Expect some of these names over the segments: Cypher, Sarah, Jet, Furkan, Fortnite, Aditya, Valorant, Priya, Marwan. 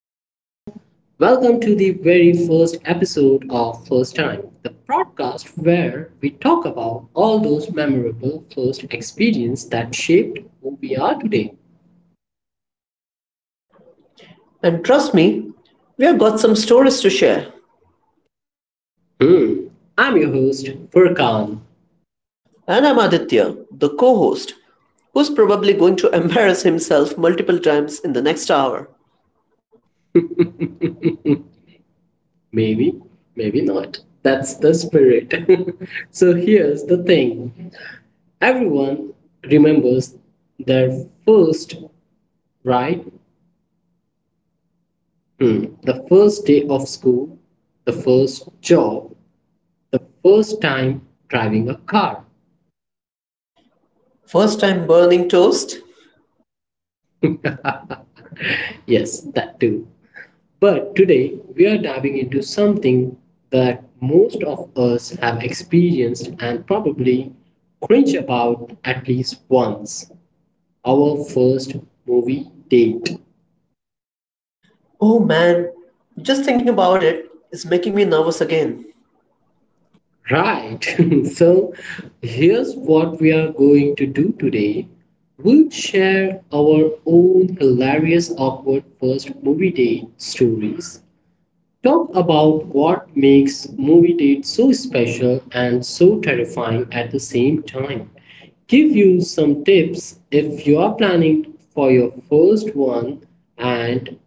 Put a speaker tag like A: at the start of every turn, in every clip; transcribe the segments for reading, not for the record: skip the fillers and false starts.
A: welcome, welcome to the very first episode of First Time, the podcast where we talk about all those memorable first experiences that shaped who we are today.
B: And trust me, we have got some stories to share.
A: Hmm, I'm your host, Furkan.
B: And I'm Aditya, the co host, who's probably going to embarrass himself multiple times in the next hour.
A: Maybe, maybe not. That's the spirit. So here's the thing, everyone remembers their first, right? The first day of school, the first job, the first time driving a car.
B: First time burning toast?
A: Yes, that too. But today we are diving into something that most of us have experienced and probably cringe about at least once, our first movie date.
B: Oh man, just thinking about it is making me nervous again.
A: Right, so here's what we are going to do today. We'll share our own hilarious, awkward first movie date stories, talk about what makes movie dates so special and so terrifying at the same time, give you some tips if you are planning for your first one, and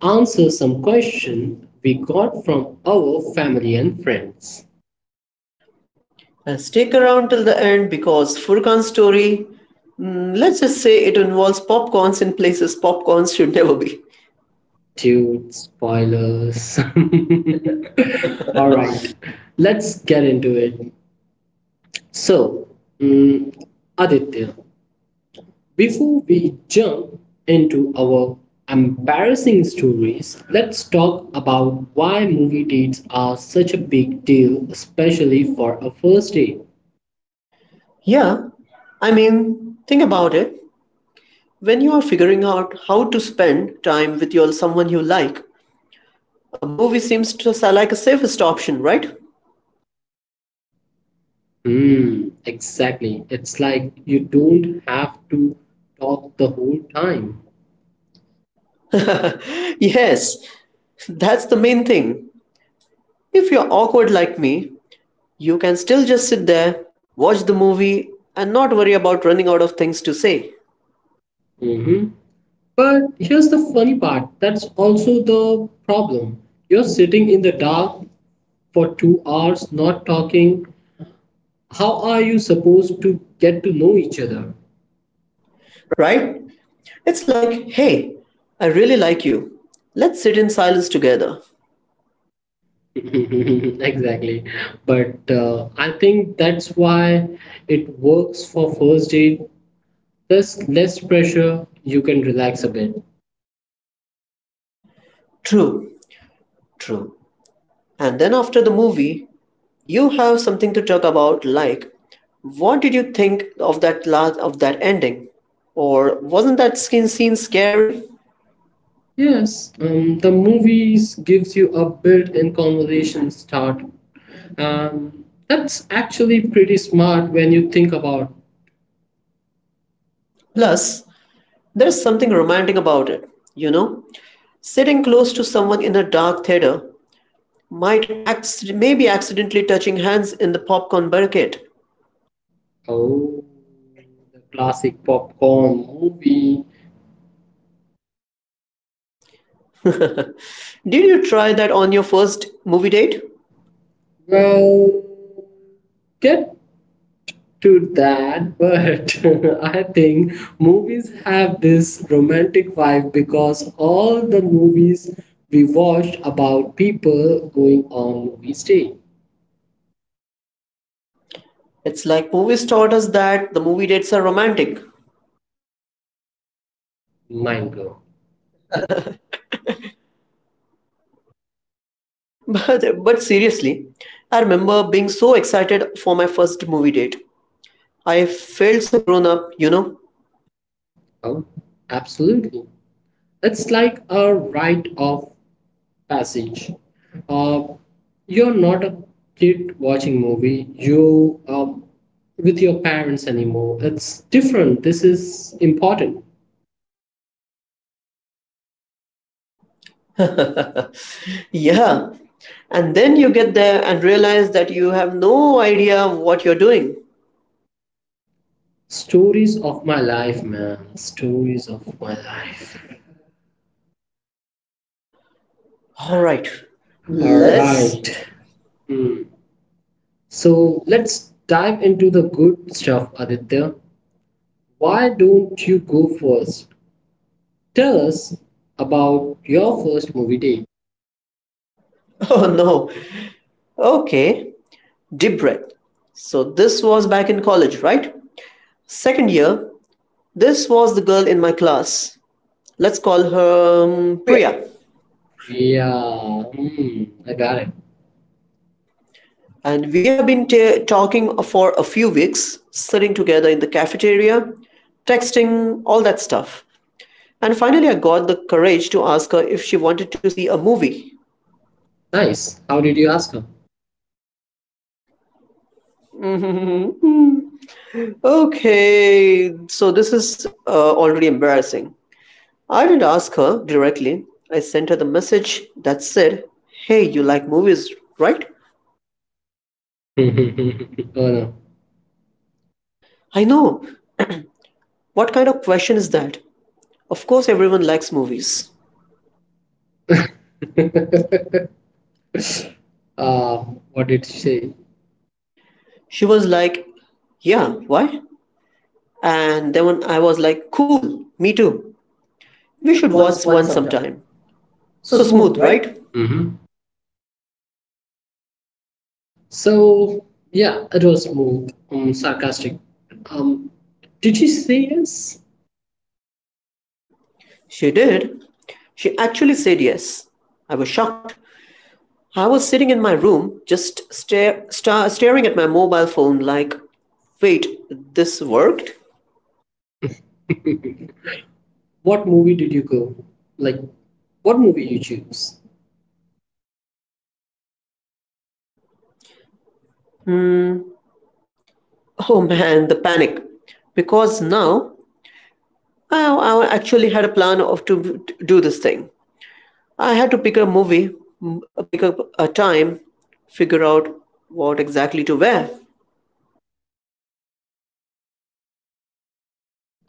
A: answer some questions we got from our family and friends.
B: And stick around till the end because Furkan's story, let's just say it involves popcorns in places popcorns should never be.
A: Dude, spoilers. All right, let's get into it. So, mm, Aditya, before we jump into our embarrassing stories, let's talk about why movie dates are such a big deal, especially for a first date.
B: Yeah, I mean, think about it. When you are figuring out how to spend time with your someone you like, a movie seems to sound like a safest option, right?
A: Hmm, exactly. It's like you don't have to talk the whole time.
B: Yes, that's the main thing. If you're awkward like me, you can still just sit there, watch the movie, and not worry about running out of things to say.
A: Mm-hmm. But here's the funny part, that's also the problem. You're sitting in the dark for 2 hours, not talking. How are you supposed to get to know each other?
B: Right? It's like, hey, I really like you. Let's sit in silence together.
A: Exactly. But I think that's why it works for first date. There's less pressure, you can relax a bit.
B: True, true. And then after the movie, you have something to talk about, like what did you think of that ending? Or wasn't that skin scene scary?
A: Yes, the movies gives you a built-in conversation start. That's actually pretty smart when you think about.
B: Plus, there's something romantic about it, you know? Sitting close to someone in a dark theater might maybe accidentally touching hands in the popcorn bucket.
A: Oh, the classic popcorn movie.
B: Did you try that on your first movie date?
A: Well, get to that, but I think movies have this romantic vibe because all the movies we watched about people going on movie stay.
B: It's like movies taught us that the movie dates are romantic.
A: Mind blown.
B: But seriously, I remember being so excited for my first movie date. I felt so grown up.
A: Well, absolutely. It's like a rite of passage. Uh, you're not a kid watching movie. You with your parents anymore. It's different. This is important.
B: Yeah. And then you get there and realize that you have no idea what you're doing.
A: Stories of my life, man. Stories of my life.
B: All right.
A: All. Let's
B: Let's
A: right. Hmm. So let's dive into the good stuff, Aditya. Why don't you go first? Tell us about your first movie day.
B: Oh no. Okay. Deep breath. So this was back in college, right? Second year. This was the girl in my class. Let's call her
A: Priya.
B: Priya.
A: Yeah, hmm, I got it.
B: And we have been talking for a few weeks, sitting together in the cafeteria, texting, all that stuff. And finally, I got the courage to ask her if she wanted to see a movie.
A: Nice. How did you ask her?
B: Okay, so this is already embarrassing. I didn't ask her directly. I sent her the message that said, "Hey, you like movies, right?"
A: Oh
B: I know. What kind of question is that? Of course, everyone likes movies.
A: no. Uh, what did she say?
B: She was like, "Yeah, why?" And then when I was like, cool, me too.
A: We
B: We
A: should
B: should
A: watch
B: watch
A: one
B: one
A: sometime.
B: sometime.
A: So
B: So
A: smooth,
B: smooth,
A: right?
B: right?
A: Mm-hmm. So yeah, it was smooth, sarcastic. Um, did she say yes?
B: She did. She actually said yes. I was shocked. I was sitting in my room, just staring at my mobile phone, like, wait, this worked?
A: What movie did you go? Like, what movie you choose?
B: Oh man, the panic. Because now I actually had a plan of to do this thing. I had to pick a movie, pick up a time, figure out what exactly to wear.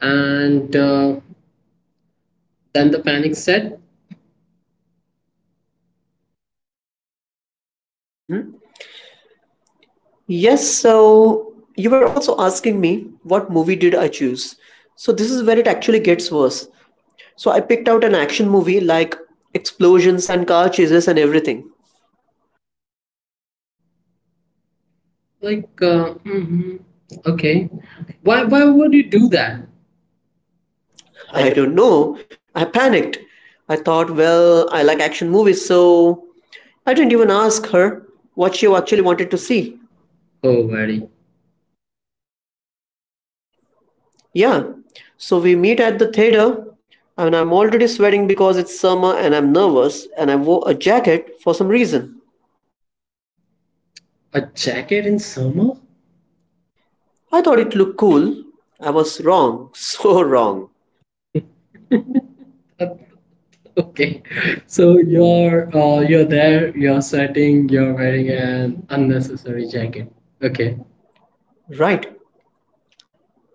A: And then the panic said,
B: Yes, so you were also asking me what movie did I choose. So this is where it actually gets worse. So I picked out an action movie like explosions and car chases and everything.
A: like, uh, mm-hmm, okay. Why would you do that? I.
B: I don't know. I panicked. I thought, well, I like action movies, so I didn't even ask her what she actually wanted to see.
A: Oh, very.
B: Yeah. So we meet at the theater and I'm already sweating because it's summer and I'm nervous and I wore a jacket for some reason.
A: A jacket in summer?
B: I thought it looked cool. I was wrong, so wrong.
A: Uh, Okay. So you're there, you're sweating, you're wearing an unnecessary jacket. Okay.
B: Right.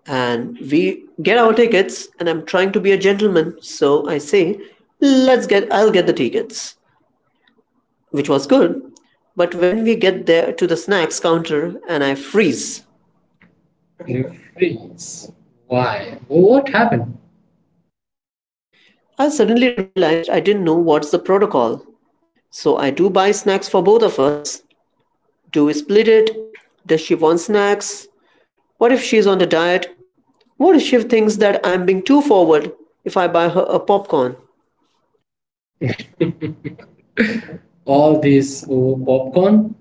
B: And we get our tickets, and I'm trying to be a gentleman, so I say, I'll get the tickets, which was good. But when we get there to the snacks counter and I freeze,
A: You freeze. Why? Well, what happened?
B: I suddenly realized I didn't know what's the protocol. So I do buy snacks for both of us. Do we split it? Does she want snacks? What if she's on the diet? What if she thinks that I am being too forward if I buy her a popcorn?
A: All this over popcorn?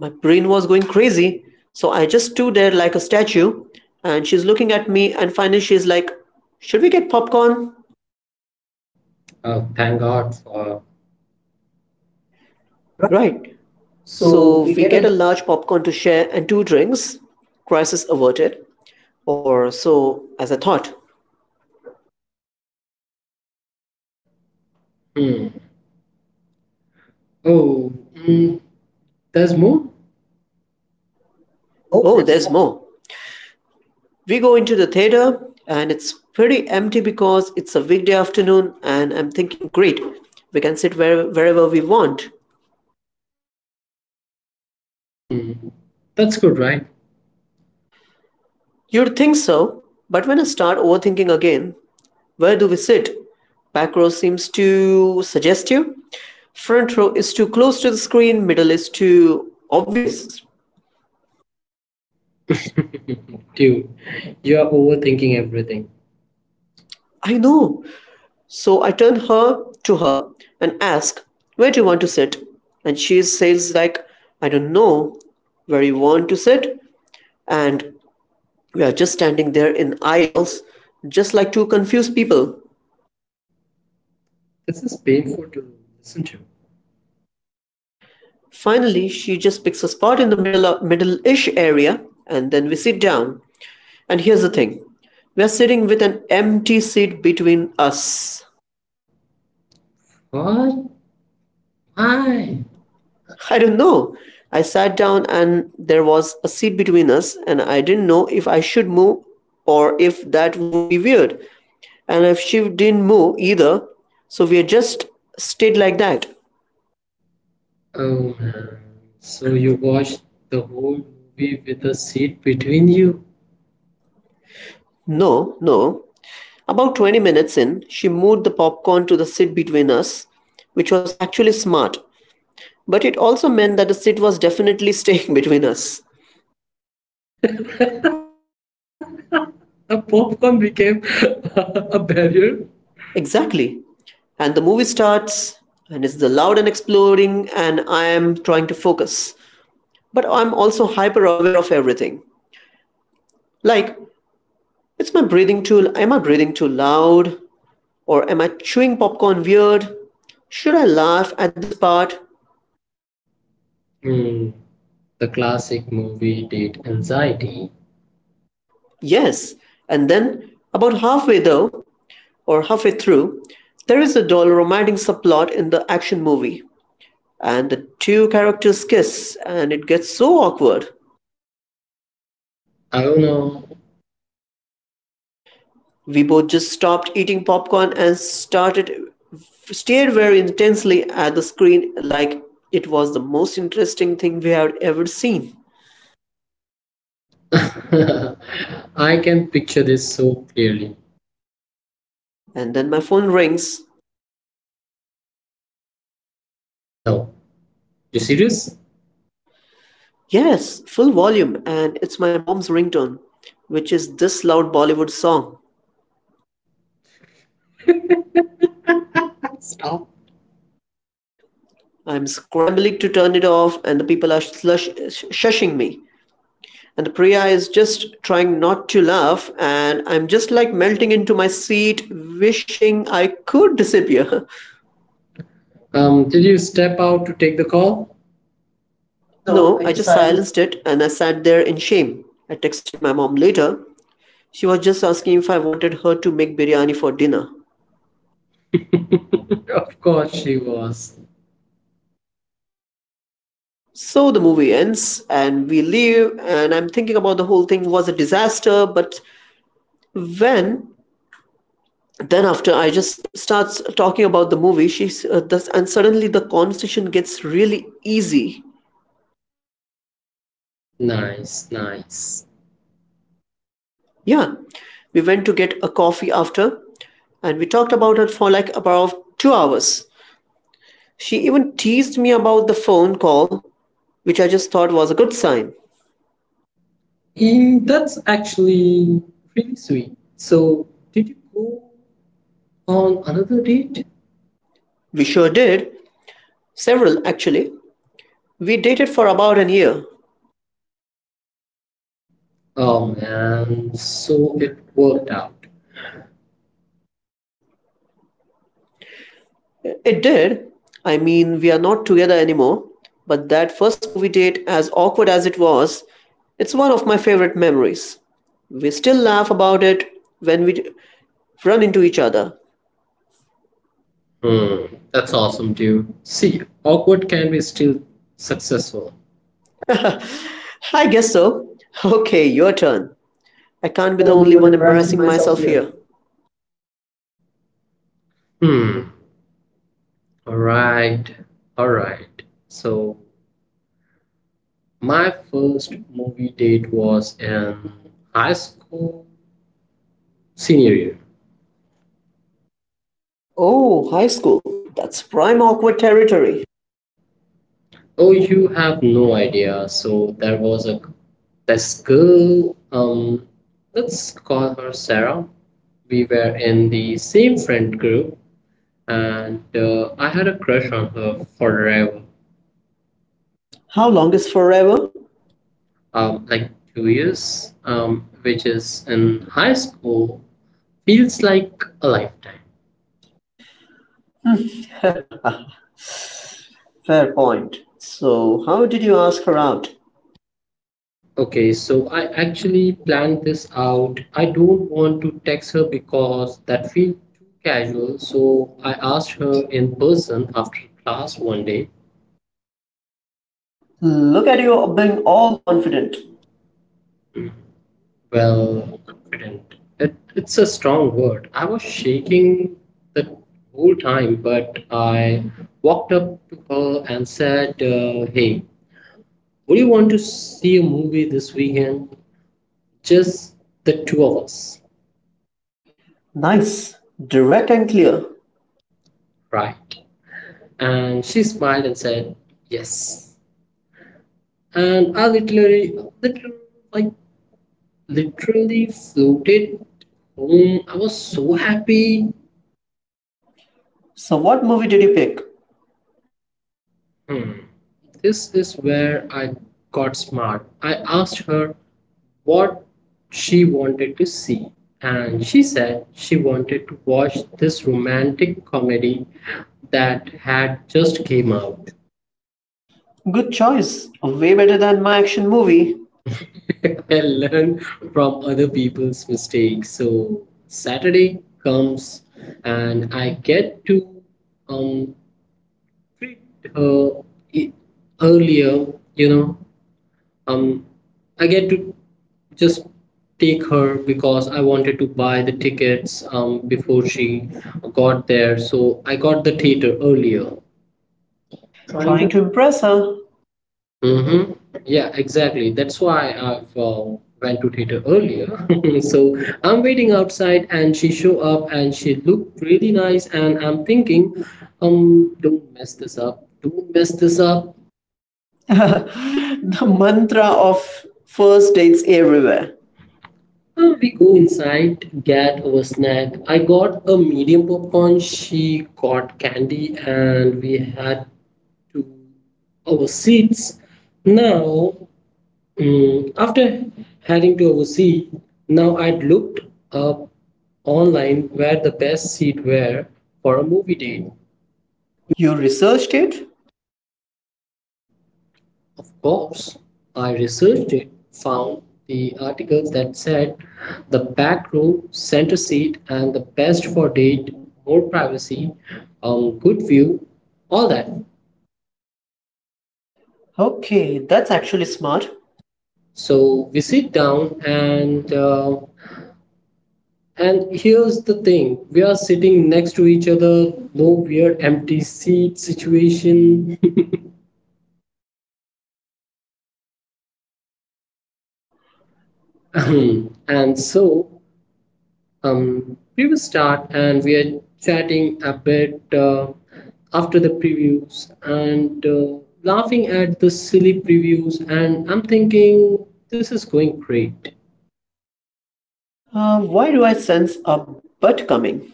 B: My brain was going crazy, so I just stood there like a statue, and she's looking at me, and finally she's like, "Should we get popcorn?"
A: Oh, thank God for. Right.
B: Right.
A: So
B: So
A: we
B: we
A: get
B: get
A: a.
B: a large popcorn to share and two drinks. Crisis averted. Or so, as I thought.
A: Hmm. Oh, there's more? Oh,
B: Oh,
A: there's
B: there's
A: more.
B: more. We go into the theater, and it's pretty empty because it's a weekday afternoon, and I'm thinking, great, we can sit wherever we want.
A: Hmm. That's good, right?
B: You'd think so, but when I start overthinking again, where do we sit? Back row seems too suggestive. Front row is too close to the screen. Middle is too obvious.
A: Dude, you're overthinking everything.
B: I know. So I turn her to her and ask, "Where do you want to sit?" And she says, like, "I don't know where you want to sit." And we are just standing there in aisles, just like two confused people.
A: This is painful to listen to.
B: Finally, she just picks a spot in the middle-ish area, and then we sit down. And here's the thing: we're sitting with an empty seat between us.
A: What? Why?
B: I don't know. I sat down, and there was a seat between us, and I didn't know if I should move or if that would be weird. And if she didn't move either, so we just stayed like that.
A: Oh man. So you watched the whole movie with a seat between you?
B: No, no. About 20 minutes in, she moved the popcorn to the seat between us, which was actually smart. But it also meant that the sit was definitely staying between us.
A: The popcorn became a barrier.
B: Exactly. And the movie starts, and it's the loud and exploring, and I am trying to focus. But I'm also hyper aware of everything. Like, it's my breathing too am I breathing too loud? Or am I chewing popcorn weird? Should I laugh at this part?
A: Hmm. The classic movie date anxiety.
B: Yes. And then, about halfway though, or halfway through, there is a dull romantic subplot in the action movie. And the two characters kiss, and it gets so awkward
A: I don't know.
B: we both just stopped eating popcorn and started stared very intensely at the screen like it was the most interesting thing we had ever seen.
A: I can picture this so clearly.
B: And then my phone rings.
A: No. You serious?
B: Yes, full volume. And it's my mom's ringtone, which is this loud Bollywood song.
A: Stop.
B: I'm scrambling to turn it off, and the people are shushing me. And the Priya is just trying not to laugh, and I'm just like melting into my seat, wishing I could disappear.
A: Did you step out to take the call? No,
B: No,
A: I
B: I just
A: decided.
B: silenced it and I sat there in shame. I texted my mom later. She was just asking if I wanted her to make biryani for dinner.
A: Of course she was.
B: So the movie ends and we leave, and I'm thinking about the whole thing was a disaster. But when then after I just starts talking about the movie, she's this, and suddenly the conversation gets really easy.
A: Nice, nice.
B: Yeah, we went to get a coffee after, and we talked about it for like about 2 hours. She even teased me about the phone call, which I just thought was a good sign.
A: Mm, that's actually really sweet. So, did you go on another date?
B: We sure did. Several, actually. We dated for about an year.
A: Oh man, so it worked out.
B: It did. I mean, we are not together anymore. But that first movie date, as awkward as it was, it's one of my favorite memories. We still laugh about it when we run into each other.
A: Hmm, that's awesome, dude. See, awkward can be still successful.
B: I guess so. Okay, your turn. I
A: Can't
B: can't
A: be
B: be
A: the
B: the
A: only
B: only
A: one
B: one
A: embarrassing
B: embarrassing
A: myself
B: myself
A: here.
B: here.
A: Hmm, alright, alright. So, my first movie date was in high school senior year.
B: Oh, high school. That's prime awkward territory.
A: Oh, you have no idea. So there was a this girl, let's call her Sarah. We were in the same friend group, and I had a crush on her forever,
B: How long is forever?
A: like 2 years, which is in high school feels like a lifetime.
B: Fair point. So, how did you ask her out?
A: Okay, so I actually planned this out. I don't want to text her because that feels too casual, so I asked her in person after class one day.
B: Look at you being all confident.
A: Well, confident. It's a strong word. I was shaking the whole time, but I walked up to her and said, hey, would you want to see a movie this weekend? Just the two of us,
B: Nice. Direct and clear.
A: right? And she smiled and said, yes. And I literally, literally, like literally floated home. I was so happy.
B: So, what movie did you pick?
A: Hmm. This is where I got smart. I asked her what she wanted to see, and she said she wanted to watch this romantic comedy that had just came out.
B: Good choice. Way better than my action movie.
A: And learn from other people's mistakes. So Saturday comes and I get to um treat her e- earlier, you know. Um I get to just take her because I wanted to buy the tickets before she got there. So I got the theater earlier. Trying.
B: Trying to impress her.
A: Mm-hmm. Yeah, exactly. That's why I've went to theater earlier. So I'm waiting outside, and she show up, and she looked really nice, and I'm thinking, don't mess this up. Don't mess this up.
B: The mantra of first dates everywhere.
A: We go inside, get our snack. I got a medium popcorn. She got candy, and we had to our seats. Now, after heading to oversee, now I'd looked up online where the best seats were for a movie date.
B: You researched it?
A: Of course, I researched it, found the articles that said the back row, center seat, and the best for date, more privacy, good view, all that.
B: Okay, that's actually smart.
A: So we sit down and and here's the thing, we are sitting next to each other, no weird empty seat situation. And so, we will start and we are chatting a bit after the previews and laughing at the silly previews. And I'm thinking this is going great
B: Why do I sense a butt coming?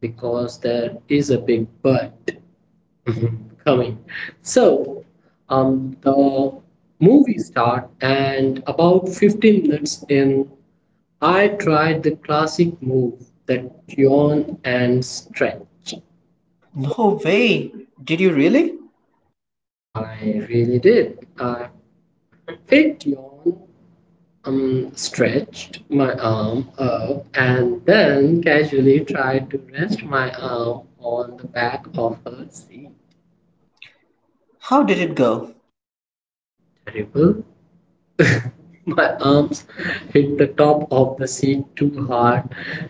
A: because there is a big but. Coming. So, the movie start and about 15 minutes in, I tried the classic move that yawn and stretch.
B: No way. Did you really?
A: I really did. I faked yawn, stretched my arm up, and then casually tried to rest my arm on the back of a seat.
B: How did it go?
A: Terrible. My arms hit the top of the seat too hard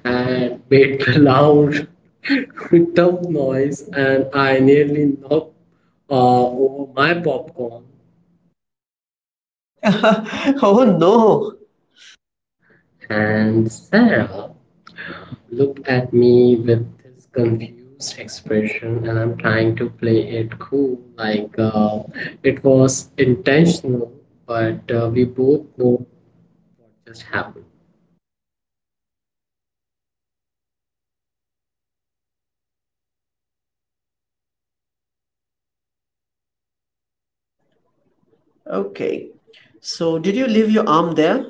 A: and made a loud thump noise, and I nearly knocked uh, over my popcorn.
B: Oh no.
A: And Sarah looked at me with this confused expression, and I'm trying to play it cool, like it was intentional, but we both know what just happened.
B: Okay. So, did you leave your arm there?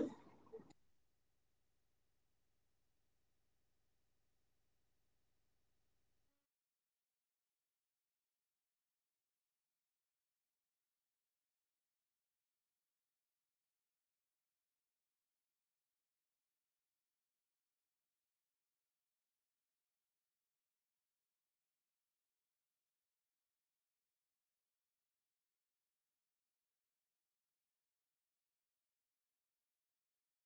A: What actually happened for like for like 2 minutes, but it got uncomfortable and my arm stretched falling asleep, so I had to bring it back down, smooth right. Now, we should continue it in the next season, I guess, and keep it a little bit more secret.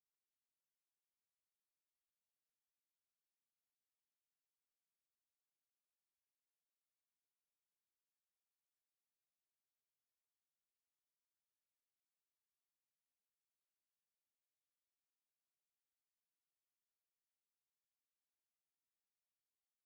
A: Okay. So, Aditya, it was pleasure having you on the podcast. And for our listeners, if you want to know my stories further, uh, we'll continue this in the second episode. So stay tuned and happy listening. Your host Furkan signing off.